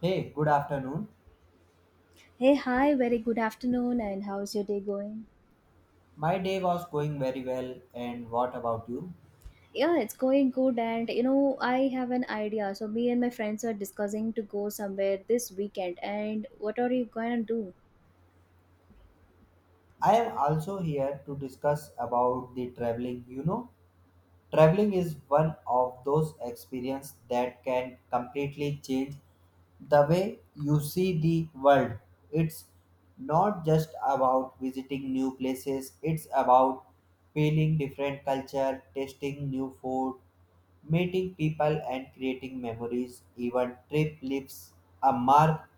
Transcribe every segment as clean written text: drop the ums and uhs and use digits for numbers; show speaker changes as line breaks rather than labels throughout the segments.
Hey, good afternoon.
Hey, hi, very good afternoon, and how's your day going?
My day was going very well, and what about you?
Yeah, it's going good, and you know, I have an idea. So, me and my friends are discussing to go somewhere this weekend, and what are you going to do?
I am also here to discuss about the traveling. You know, traveling is one of those experiences that can completely change the way you see the world. It's not just about visiting new places, it's about feeling different culture, tasting new food, meeting people and creating memories. Even trip leaves a mark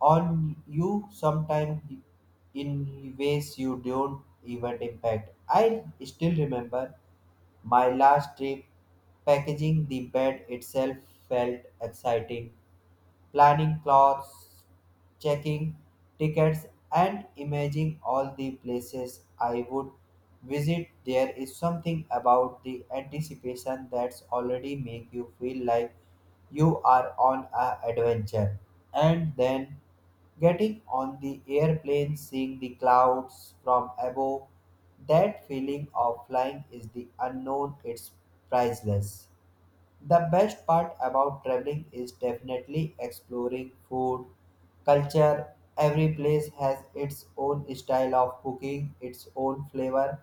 on you sometimes in ways you don't even impact. I still remember my last trip, packaging the bed itself felt exciting, planning clothes, checking tickets, and imagining all the places I would visit. There is something about the anticipation that's already make you feel like you are on a adventure, and then getting on the airplane, seeing the clouds from above. That feeling of flying is the unknown, it's priceless. The best part about traveling is definitely exploring food, culture. Every place has its own style of cooking, its own flavor,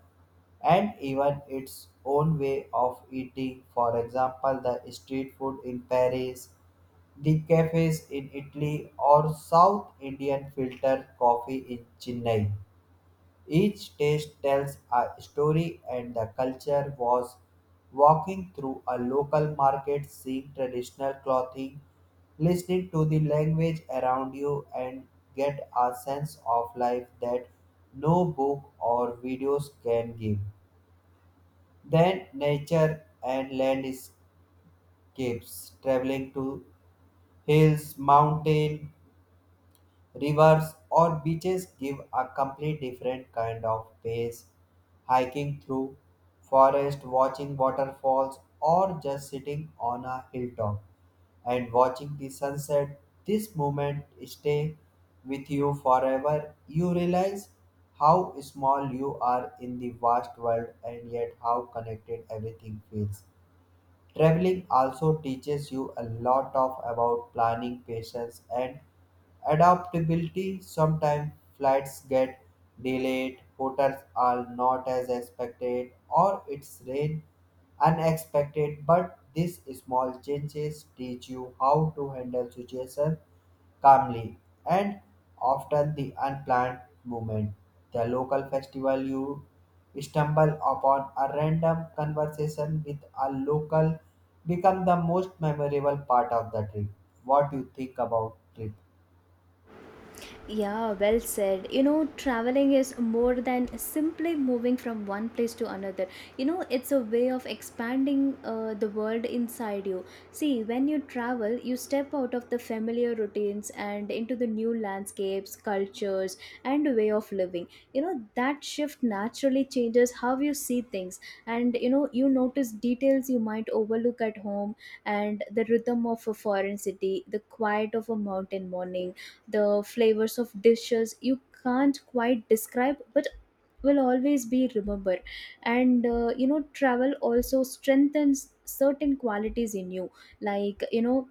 and even its own way of eating. For example, the street food in Paris, the cafes in Italy, or South Indian filter coffee in Chennai. Each taste tells a story, and the culture was walking through a local market, seeing traditional clothing, listening to the language around you, and get a sense of life that no book or videos can give. Then, nature and landscapes, traveling to hills, mountain Rivers or beaches give a completely different kind of pace. Hiking through forest, watching waterfalls, or just sitting on a hilltop and watching the sunset, this moment stay with you forever. You realize how small you are in the vast world and yet how connected everything feels. Traveling also teaches you a lot of about planning, patience, and adaptability. Sometimes flights get delayed, hotels are not as expected, or it's rain unexpected. But these small changes teach you how to handle situations calmly and often the unplanned movement. The local festival you stumble upon a random conversation with a local become the most memorable part of the trip. What you think about trip?
Yeah, well said. You know, traveling is more than simply moving from one place to another. You know, it's a way of expanding the world inside you. See, when you travel, you step out of the familiar routines and into the new landscapes, cultures, and way of living. You know, that shift naturally changes how you see things, and you know, you notice details you might overlook at home, and the rhythm of a foreign city, the quiet of a mountain morning, the flavors of dishes you can't quite describe but will always be remember. And you know, travel also strengthens certain qualities in you, like you know,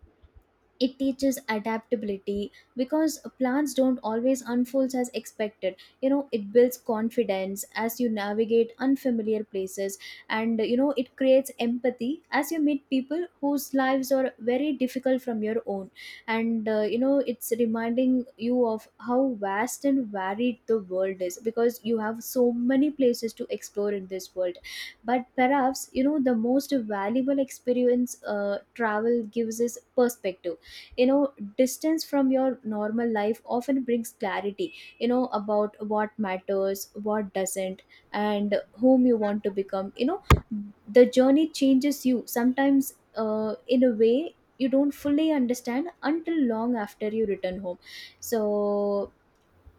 it teaches adaptability because plans don't always unfold as expected. You know, it builds confidence as you navigate unfamiliar places, and you know, it creates empathy as you meet people whose lives are very difficult from your own. And you know, it's reminding you of how vast and varied the world is, because you have so many places to explore in this world. But perhaps, you know, the most valuable experience travel gives is perspective. You know, distance from your normal life often brings clarity, you know, about what matters, what doesn't, and whom you want to become. You know, the journey changes you sometimes, in a way you don't fully understand until long after you return home. So,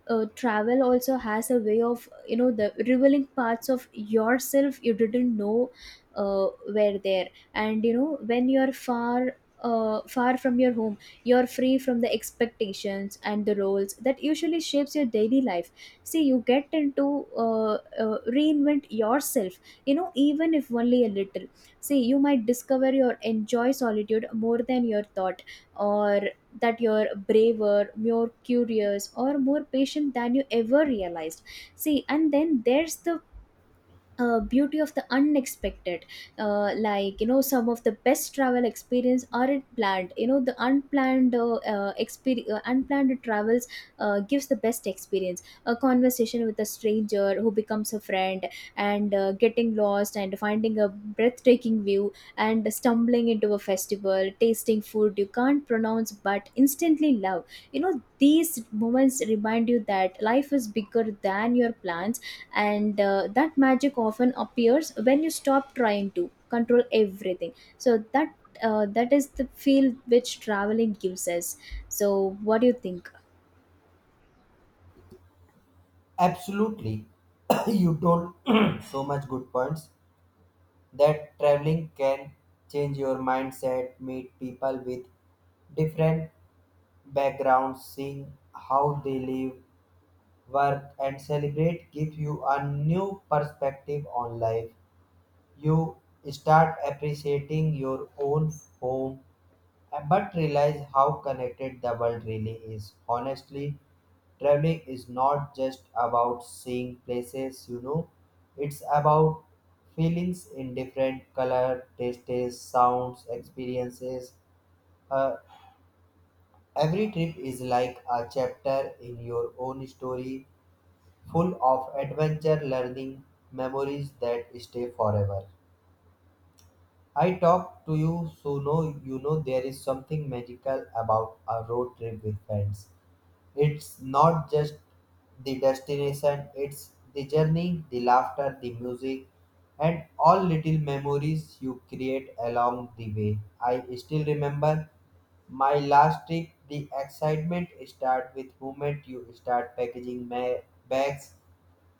travel also has a way of, you know, the revealing parts of yourself you didn't know were there. And you know, when you're far, far from your home, you're free from the expectations and the roles that usually shapes your daily life. See, you get into reinvent yourself, you know, even if only a little. See, you might discover your enjoy solitude more than your thought, or that you're braver, more curious, or more patient than you ever realized. See, and then there's the beauty of the unexpected, like you know, some of the best travel experience aren't planned. You know, the unplanned unplanned travels gives the best experience: a conversation with a stranger who becomes a friend, and getting lost and finding a breathtaking view, and stumbling into a festival, tasting food you can't pronounce but instantly love. You know, these moments remind you that life is bigger than your plans, and that magic often appears when you stop trying to control everything. So that, that is the feel which traveling gives us. So what do you think?
Absolutely. You told so much good points that traveling can change your mindset, meet people with different backgrounds, seeing how they live, work, and celebrate give you a new perspective on life. You start appreciating your own home but realize how connected the world really is. Honestly, traveling is not just about seeing places, you know, it's about feelings in different color, tastes, sounds, experiences. Uh, every trip is like a chapter in your own story full of adventure learning memories that stay forever. I talk to you so know you know there is something magical about a road trip with friends. It's not just the destination, it's the journey, the laughter, the music, and all little memories you create along the way. I still remember my last trip, the excitement start with moment you start bags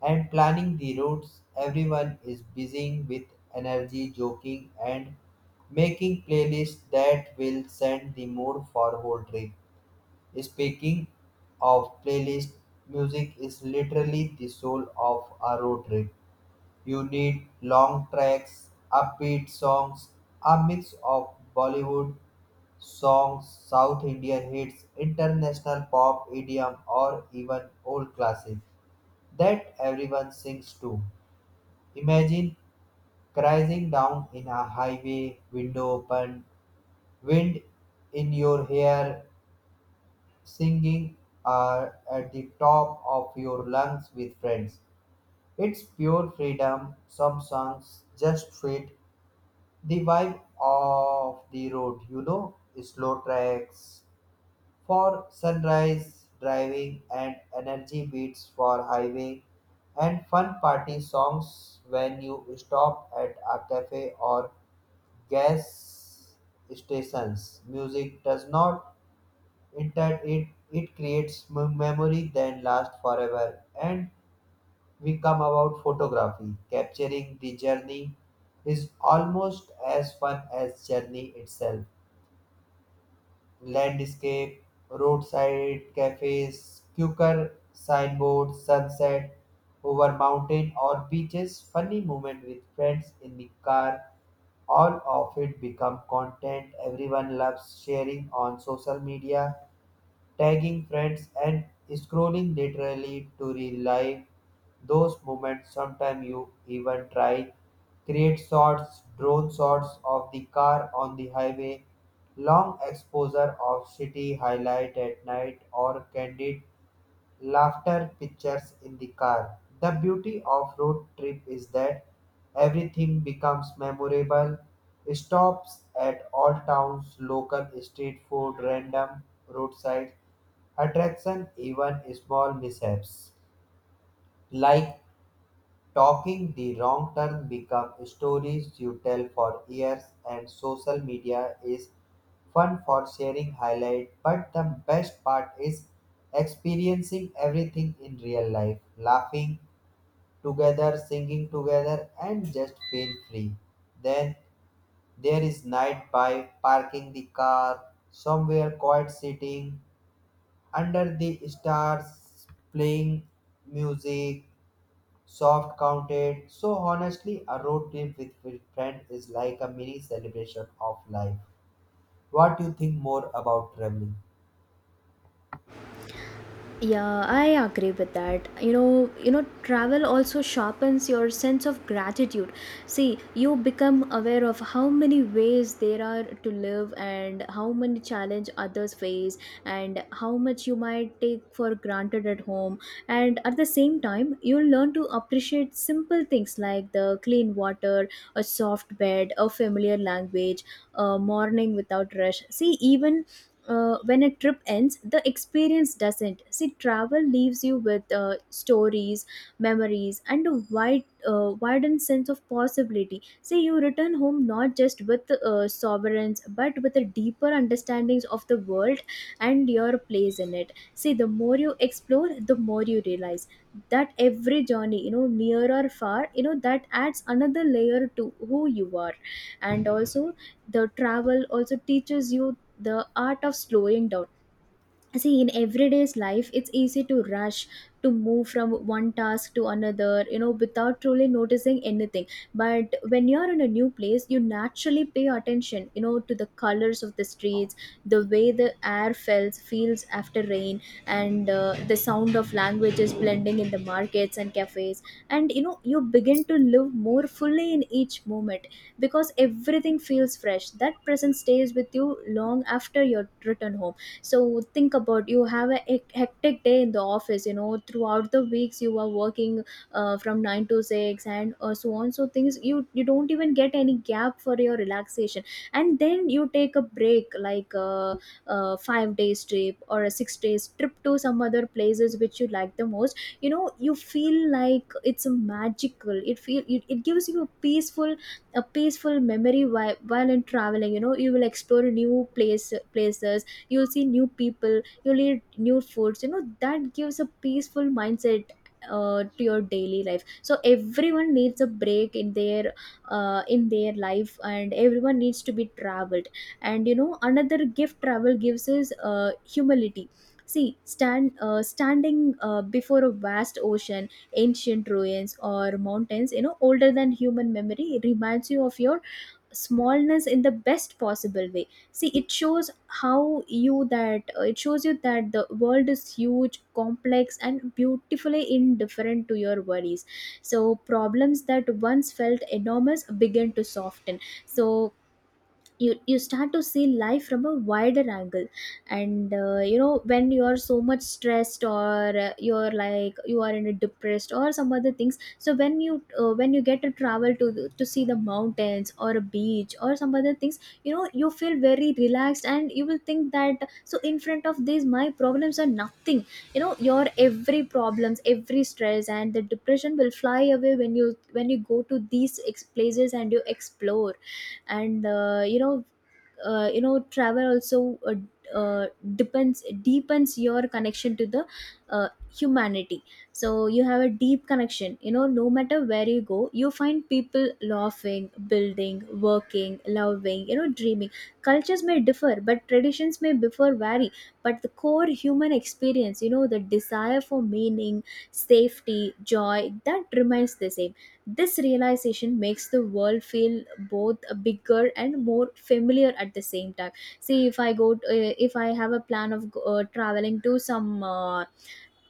and planning the routes. Everyone is busy with energy, joking, and making playlists that will send the mood for whole trip. Speaking of playlist, music is literally the soul of a road trip. You need long tracks, upbeat songs, a mix of Bollywood songs, South Indian hits, international pop, idiom, or even old classics that everyone sings to. Imagine crashing down in a highway, window open, wind in your hair, singing are at the top of your lungs with friends. It's pure freedom. Some songs just fit the vibe of the road, you know, slow tracks for sunrise driving and energy beats for highway and fun party songs when you stop at a cafe or gas stations. Music does not it, it creates memory that lasts forever, and we come about photography capturing the journey is almost as fun as journey itself, landscape roadside cafes quicker signboards sunset over mountain or beaches funny moment with friends in the car, all of it become content everyone loves sharing on social media, tagging friends, and scrolling literally to relive those moments. Sometimes you even try create shots, drone shots of the car on the highway, long exposure of city highlight at night, or candid laughter pictures in the car. The beauty of road trip is that everything becomes memorable. Stops at all towns, local street food, random roadside attraction, even small mishaps like talking the wrong turn become stories you tell for years, and social media is fun for sharing highlight, but the best part is experiencing everything in real life, laughing together, singing together, and just feel free. Then there is night by parking the car somewhere quiet, sitting under the stars, playing music, soft counted. So honestly, a road trip with friend is like a mini celebration of life. What do you think more about traveling?
Yeah, I agree with that. You know, travel also sharpens your sense of gratitude. See, you become aware of how many ways there are to live, and how many challenge others face, and how much you might take for granted at home. And at the same time, you learn to appreciate simple things, like the clean water, a soft bed, a familiar language, a morning without rush. See, even when a trip ends, the experience doesn't. See, travel leaves you with stories, memories, and a wide, widened sense of possibility. See, you return home not just with sovereigns, but with a deeper understandings of the world and your place in it. See, the more you explore, the more you realize that every journey, you know, near or far, you know, that adds another layer to who you are. And also, the travel also teaches you the art of slowing down. See, in everyday's life it's easy to rush, to move from one task to another, you know, without truly noticing anything. But when you're in a new place, you naturally pay attention, you know, to the colors of the streets, the way the air feels after rain, and the sound of languages blending in the markets and cafes. And you know, you begin to live more fully in each moment, because everything feels fresh. That present stays with you long after your return home. So think about, you have a hectic day in the office, you know, throughout the weeks you are working from 9 to 6, and so on, so things you don't even get any gap for your relaxation. And then you take a break like a 5-day days trip or a 6-day days trip to some other places which you like the most. You know, you feel like it's a magical, it feel, it gives you a peaceful, a peaceful memory. While in traveling, you know, you will explore new places, you'll see new people, you'll eat new foods. You know, that gives a peaceful mindset to your daily life. So everyone needs a break in their life, and everyone needs to be traveled. And you know, another gift travel gives is humility. See, standing before a vast ocean, ancient ruins, or mountains, you know, older than human memory, reminds you of your smallness in the best possible way. See, it shows how you that it shows you that the world is huge, complex, and beautifully indifferent to your worries. So problems that once felt enormous begin to soften. So you start to see life from a wider angle. And you know, when you are so much stressed, or you're like you are in a depressed or some other things, so when you get to travel to to see the mountains or a beach or some other things, you know, you feel very relaxed, and you will think that so in front of these, my problems are nothing. You know, your every problems, every stress and the depression will fly away when you, when you go to these places and you explore. And you know, you know, travel also uh, depends deepens your connection to the uh, humanity. So you have a deep connection. You know, no matter where you go, you find people laughing, building, working, loving, you know, dreaming. Cultures may differ, but traditions may differ vary, but the core human experience, you know, the desire for meaning, safety, joy, that remains the same. This realization makes the world feel both bigger and more familiar at the same time. See, if I go, to, if I have a plan of traveling to some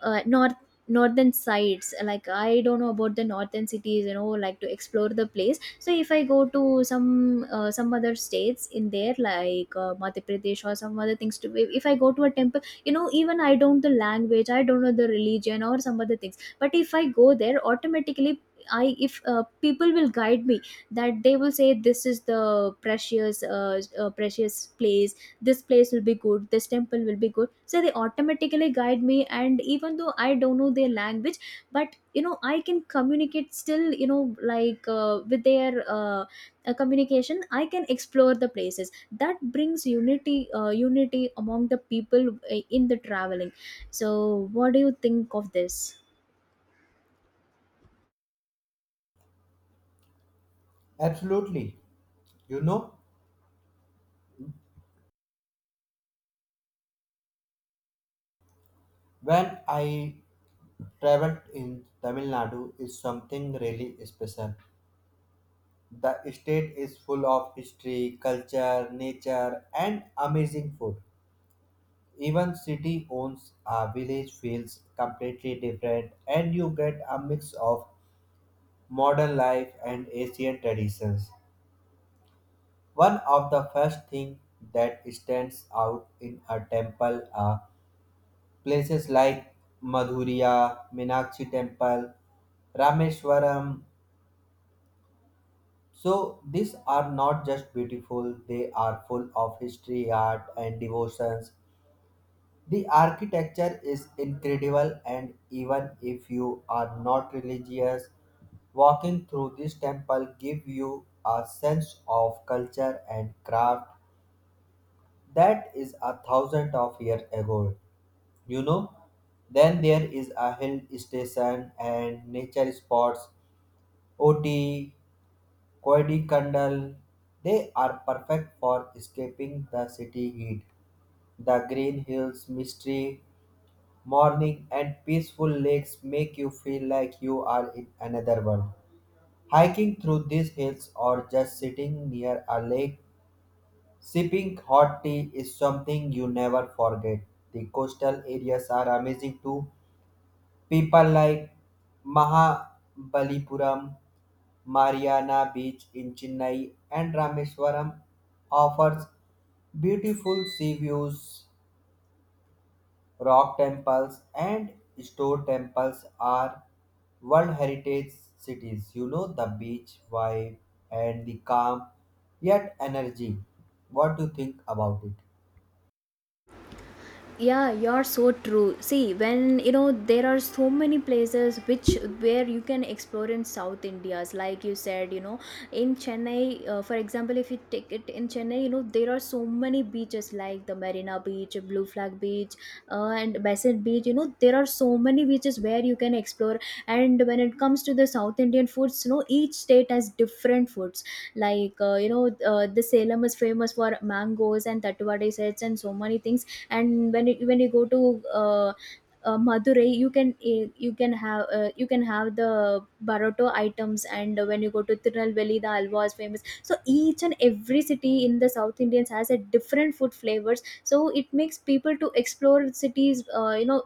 uh, north northern sides. Like, I don't know about the northern cities, you know, like to explore the place. So if I go to some other states in there, like Madhya Pradesh or some other things to, if I go to a temple, you know, even I don't know the language, I don't know the religion or some other things, but if I go there, automatically, I if people will guide me that they will say this is the precious precious place, this place will be good, this temple will be good. So they automatically guide me, and even though I don't know their language, but you know, I can communicate still, you know, like with their communication I can explore the places. That brings unity, unity among the people in the traveling. So what do you think of this?
Absolutely. You know, when I traveled in Tamil Nadu is something really special. The state is full of history, culture, nature and amazing food. Even city owns a village feels completely different, and you get a mix of modern life and asian traditions. One of the first thing that stands out in a temple are places like Madhurya Minakshi Temple, Rameshwaram. So these are not just beautiful, they are full of history, art, and devotions. The architecture is incredible, and even if you are not religious, walking through this temple give you a sense of culture and craft that is a thousand of years ago. You know, then there is a hill station and nature spots, Oti, Koidikandal. They are perfect for escaping the city heat, the green hills, mystery morning and peaceful lakes make you feel like you are in another world. Hiking through these hills or just sitting near a lake, sipping hot tea is something you never forget. The coastal areas are amazing too. People like Mahabalipuram, Mariana Beach in Chennai, and Rameswaram offers beautiful sea views, Rock temples and stone temples are World Heritage Cities. You know the beach vibe and the calm yet energy. What do you think about it?
Yeah, you're so true. See, when you know, there are so many places which where you can explore in South India's, like you said, you know, in Chennai, for example, if you take it in Chennai, you know, there are so many beaches, like the Marina Beach, Blue Flag Beach, and Basin Beach. You know, there are so many beaches where you can explore. And when it comes to the South Indian foods, you know, each state has different foods. Like you know, the Salem is famous for mangoes and tatuwade sets and so many things. And when you go to Madurai, you can eh, you can have the baroto items. And when you go to Tirunelveli, the alwa is famous. So each and every city in the South Indians has a different food flavors. So it makes people to explore cities, you know,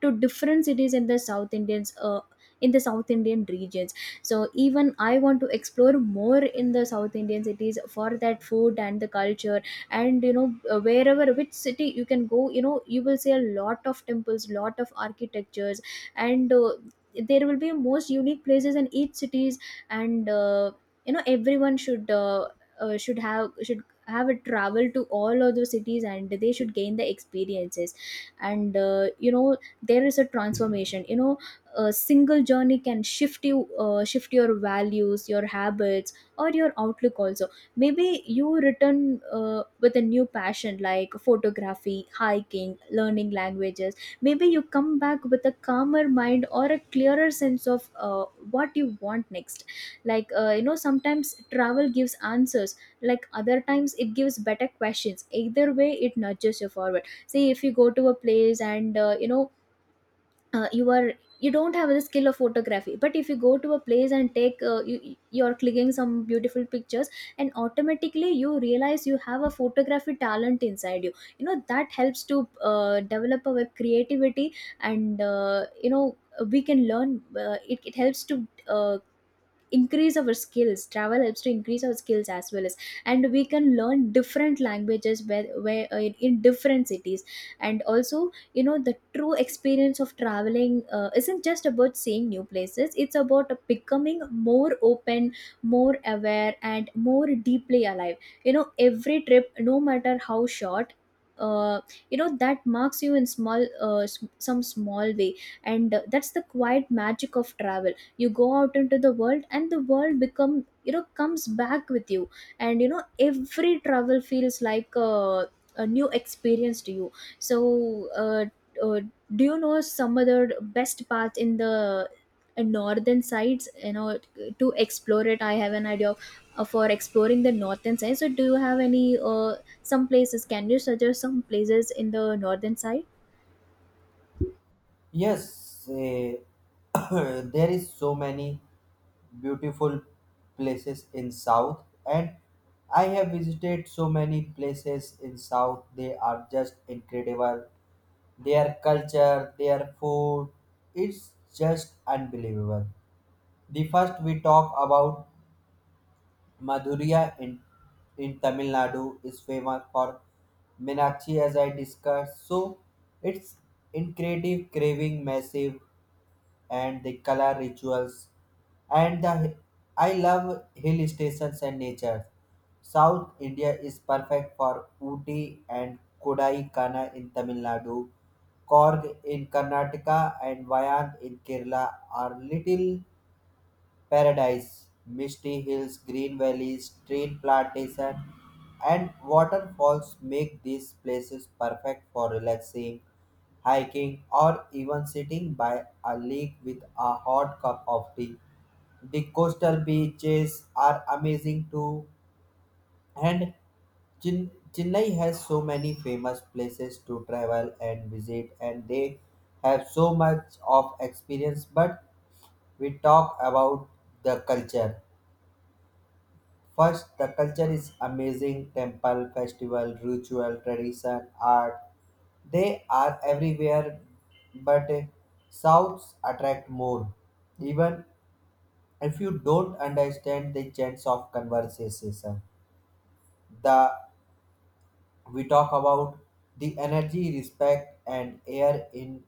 to different cities in the South Indians. In the South Indian regions, so even I want to explore more in the South Indian cities for that food and the culture. And wherever which city you can go, you know, you will see a lot of temples, lot of architectures. And There will be most unique places in each cities. And you know everyone should have a travel to all of those cities, and they should gain the experiences. And you know there is a transformation, you know, a single journey can shift you shift your values, your habits, or your outlook also. Maybe you return with a new passion like photography, hiking, learning languages. Maybe you come back with a calmer mind or a clearer sense of what you want next. Sometimes travel gives answers, like other times it gives better questions. Either way, it nudges you forward. See, if you go to a place and, uh, you are you don't have the skill of photography, but if you go to a place and take, you're clicking some beautiful pictures, and automatically you realize you have a photography talent inside you. You know, that helps to develop our creativity. And you know we can learn, it helps to increase our skills. Travel helps to increase our skills as well as, and we can learn different languages in different cities. And also, you know, the true experience of traveling isn't just about seeing new places, it's about becoming more open, more aware, and more deeply alive. You know, every trip, no matter how short uh, that marks you in some small way. And that's the quiet magic of travel. You go out into the world and the world become you know comes back with you. And you know, every travel feels like a new experience to you. So uh, uh, do you know some other best path in the northern sides? You know, to explore it, I have an idea of, for exploring the northern side. So do you have any some places? Can you suggest some places in the northern side?
Yes, eh, there is so many beautiful places in South, and I have visited so many places in South. They are just incredible. Their culture, their food, it's just unbelievable. The first we talk about Madurai in Tamil Nadu is famous for Meenakshi as I discussed. So it's incredible craving massive and the color rituals and the I love hill stations and nature. South India is perfect for Ooty and Kodaikana in Tamil Nadu. Korg in Karnataka and Vayand in Kerala are little paradise, misty hills, green valleys, street plantation, and waterfalls make these places perfect for relaxing, hiking, or even sitting by a lake with a hot cup of tea. The coastal beaches are amazing too, and Chennai has so many famous places to travel and visit, and they have so much of experience. But we talk about the culture. First, the culture is amazing temple, festival, ritual, tradition, art. They are everywhere, but Souths attract more, even if you don't understand the chance of conversation. The we talk about the energy, respect, and air in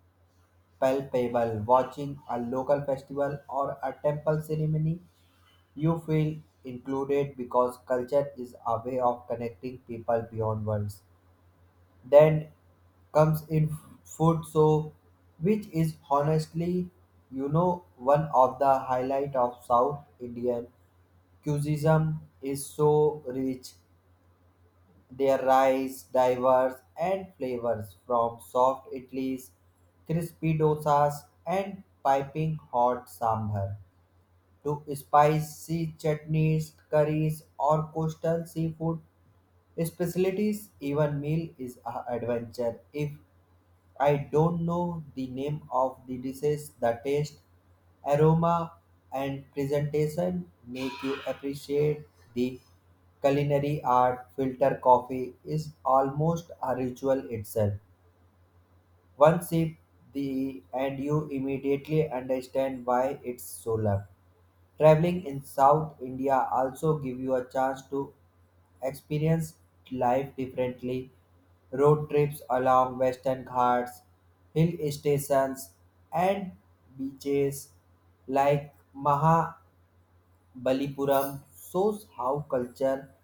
palpable. Watching a local festival or a temple ceremony, you feel included because culture is a way of connecting people beyond words. Then comes in food, so which is honestly, you know, one of the highlight of South Indian cuisine is so rich, their rice diverse and flavors from soft idlis, crispy dosas and piping hot sambar to spicy chutneys, curries, or coastal seafood specialties. Even meal is an adventure. If I don't know the name of the dishes, the taste, aroma, and presentation make you appreciate the culinary art. Filter coffee is almost a ritual itself. One sip the and you immediately understand why it's so loved. Traveling in South India also give you a chance to experience life differently. Road trips along Western Ghats, hill stations and beaches like Mahabalipuram shows how culture,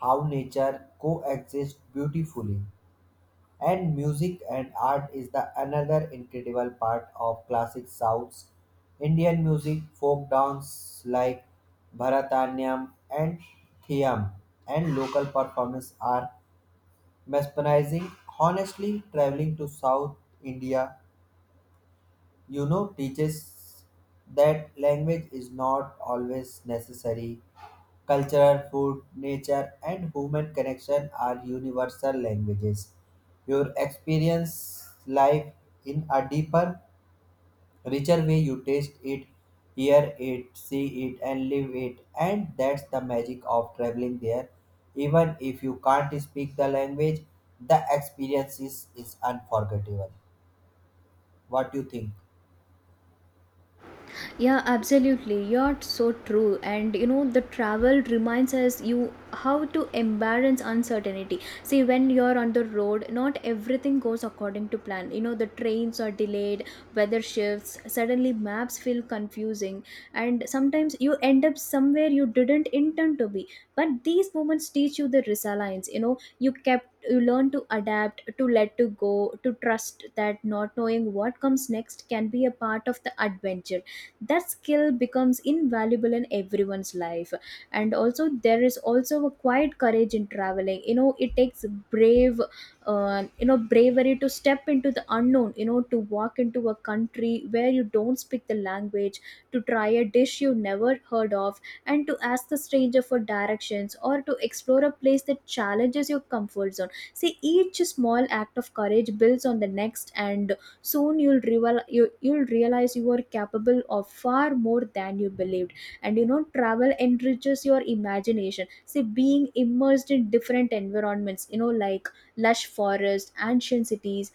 how nature coexist beautifully. And music and art is the another incredible part of classic South's Indian music, folk dance like Bharatanatyam and Thiyam, and local performance are mesmerizing. Honestly, traveling to South India, you know, teaches that language is not always necessary, cultural food nature and human connection are universal languages, your experience life in a deeper richer way, you taste it, hear it, see it, and live it, and that's the magic of traveling there. Even if you can't speak the language, the experience is unforgettable. What do you think?
Yeah, absolutely. You're so true. And you know, the travel reminds us you how to embrace uncertainty. See, when you're on the road, not everything goes according to plan. You know, the trains are delayed, weather shifts, suddenly maps feel confusing, and sometimes you end up somewhere you didn't intend to be. But these moments teach you the resilience. You know, you kept, you learn to adapt, to let to go, to trust that not knowing what comes next can be a part of the adventure. That skill becomes invaluable in everyone's life. And also, there is also a quiet courage in traveling. You know, it takes brave, bravery to step into the unknown, you know, to walk into a country where you don't speak the language, to try a dish you never heard of, and to ask the stranger for directions, or to explore a place that challenges your comfort zone. See, each small act of courage builds on the next, and soon you'll realize you are capable of far more than you believed. And you know, travel enriches your imagination. See, being immersed in different environments, you know, like lush forests, ancient cities,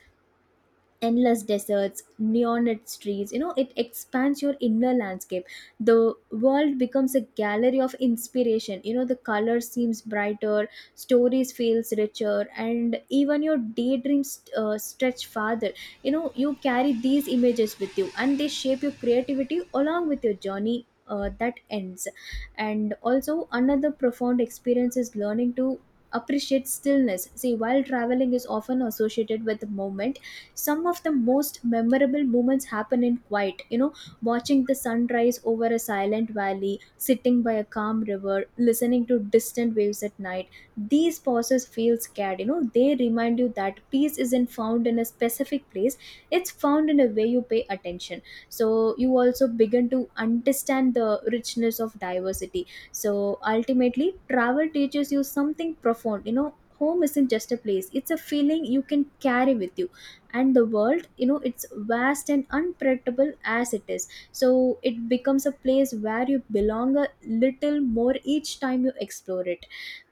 endless deserts, neon lit streets. You know, it expands your inner landscape. The world becomes a gallery of inspiration. You know, the color seems brighter, stories feels richer, and even your daydreams stretch farther. You know, you carry these images with you, and they shape your creativity along with your journey. That ends. And also another profound experience is learning to appreciate stillness. See, while traveling is often associated with movement, some of the most memorable moments happen in quiet. You know, watching the sunrise over a silent valley, sitting by a calm river, listening to distant waves at night. These pauses feel scared. You know, they remind you that peace isn't found in a specific place, it's found in a way you pay attention. So you also begin to understand the richness of diversity. So ultimately travel teaches you something profound. You know, home isn't just a place, it's a feeling you can carry with you. And the world, you know, it's vast and unpredictable as it is, so it becomes a place where you belong a little more each time you explore it.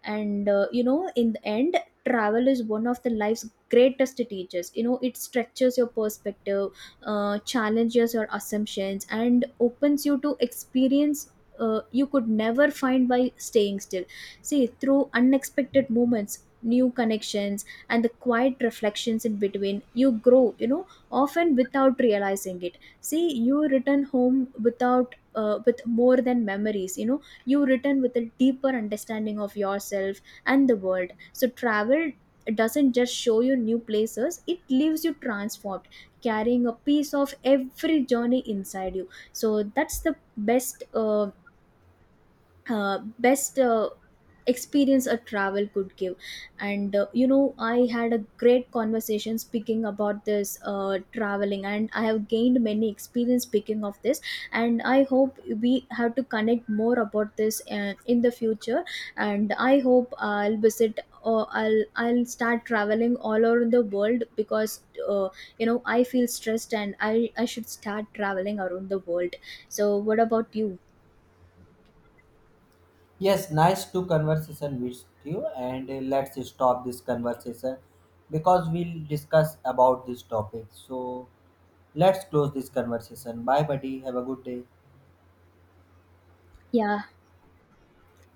And in the end, travel is one of the life's greatest teachers. You know, it stretches your perspective, challenges your assumptions, and opens you to experience you could never find by staying still. See, through unexpected moments, new connections, and the quiet reflections in between, you grow, you know, often without realizing it. See, you return home without with more than memories. You know, you return with a deeper understanding of yourself and the world. So travel doesn't just show you new places, it leaves you transformed, carrying a piece of every journey inside you. So that's the best experience a travel could give. And I had a great conversation speaking about this traveling, and I have gained many experience speaking of this. And I hope we have to connect more about this in the future. And I hope I'll visit, or I'll start traveling all over the world, because I feel stressed and I should start traveling around the world. So what about you?
Yes, nice to conversation with you, and let's stop this conversation because we'll discuss about this topic. So let's close this conversation. Bye, buddy. Have a good day.
Yeah.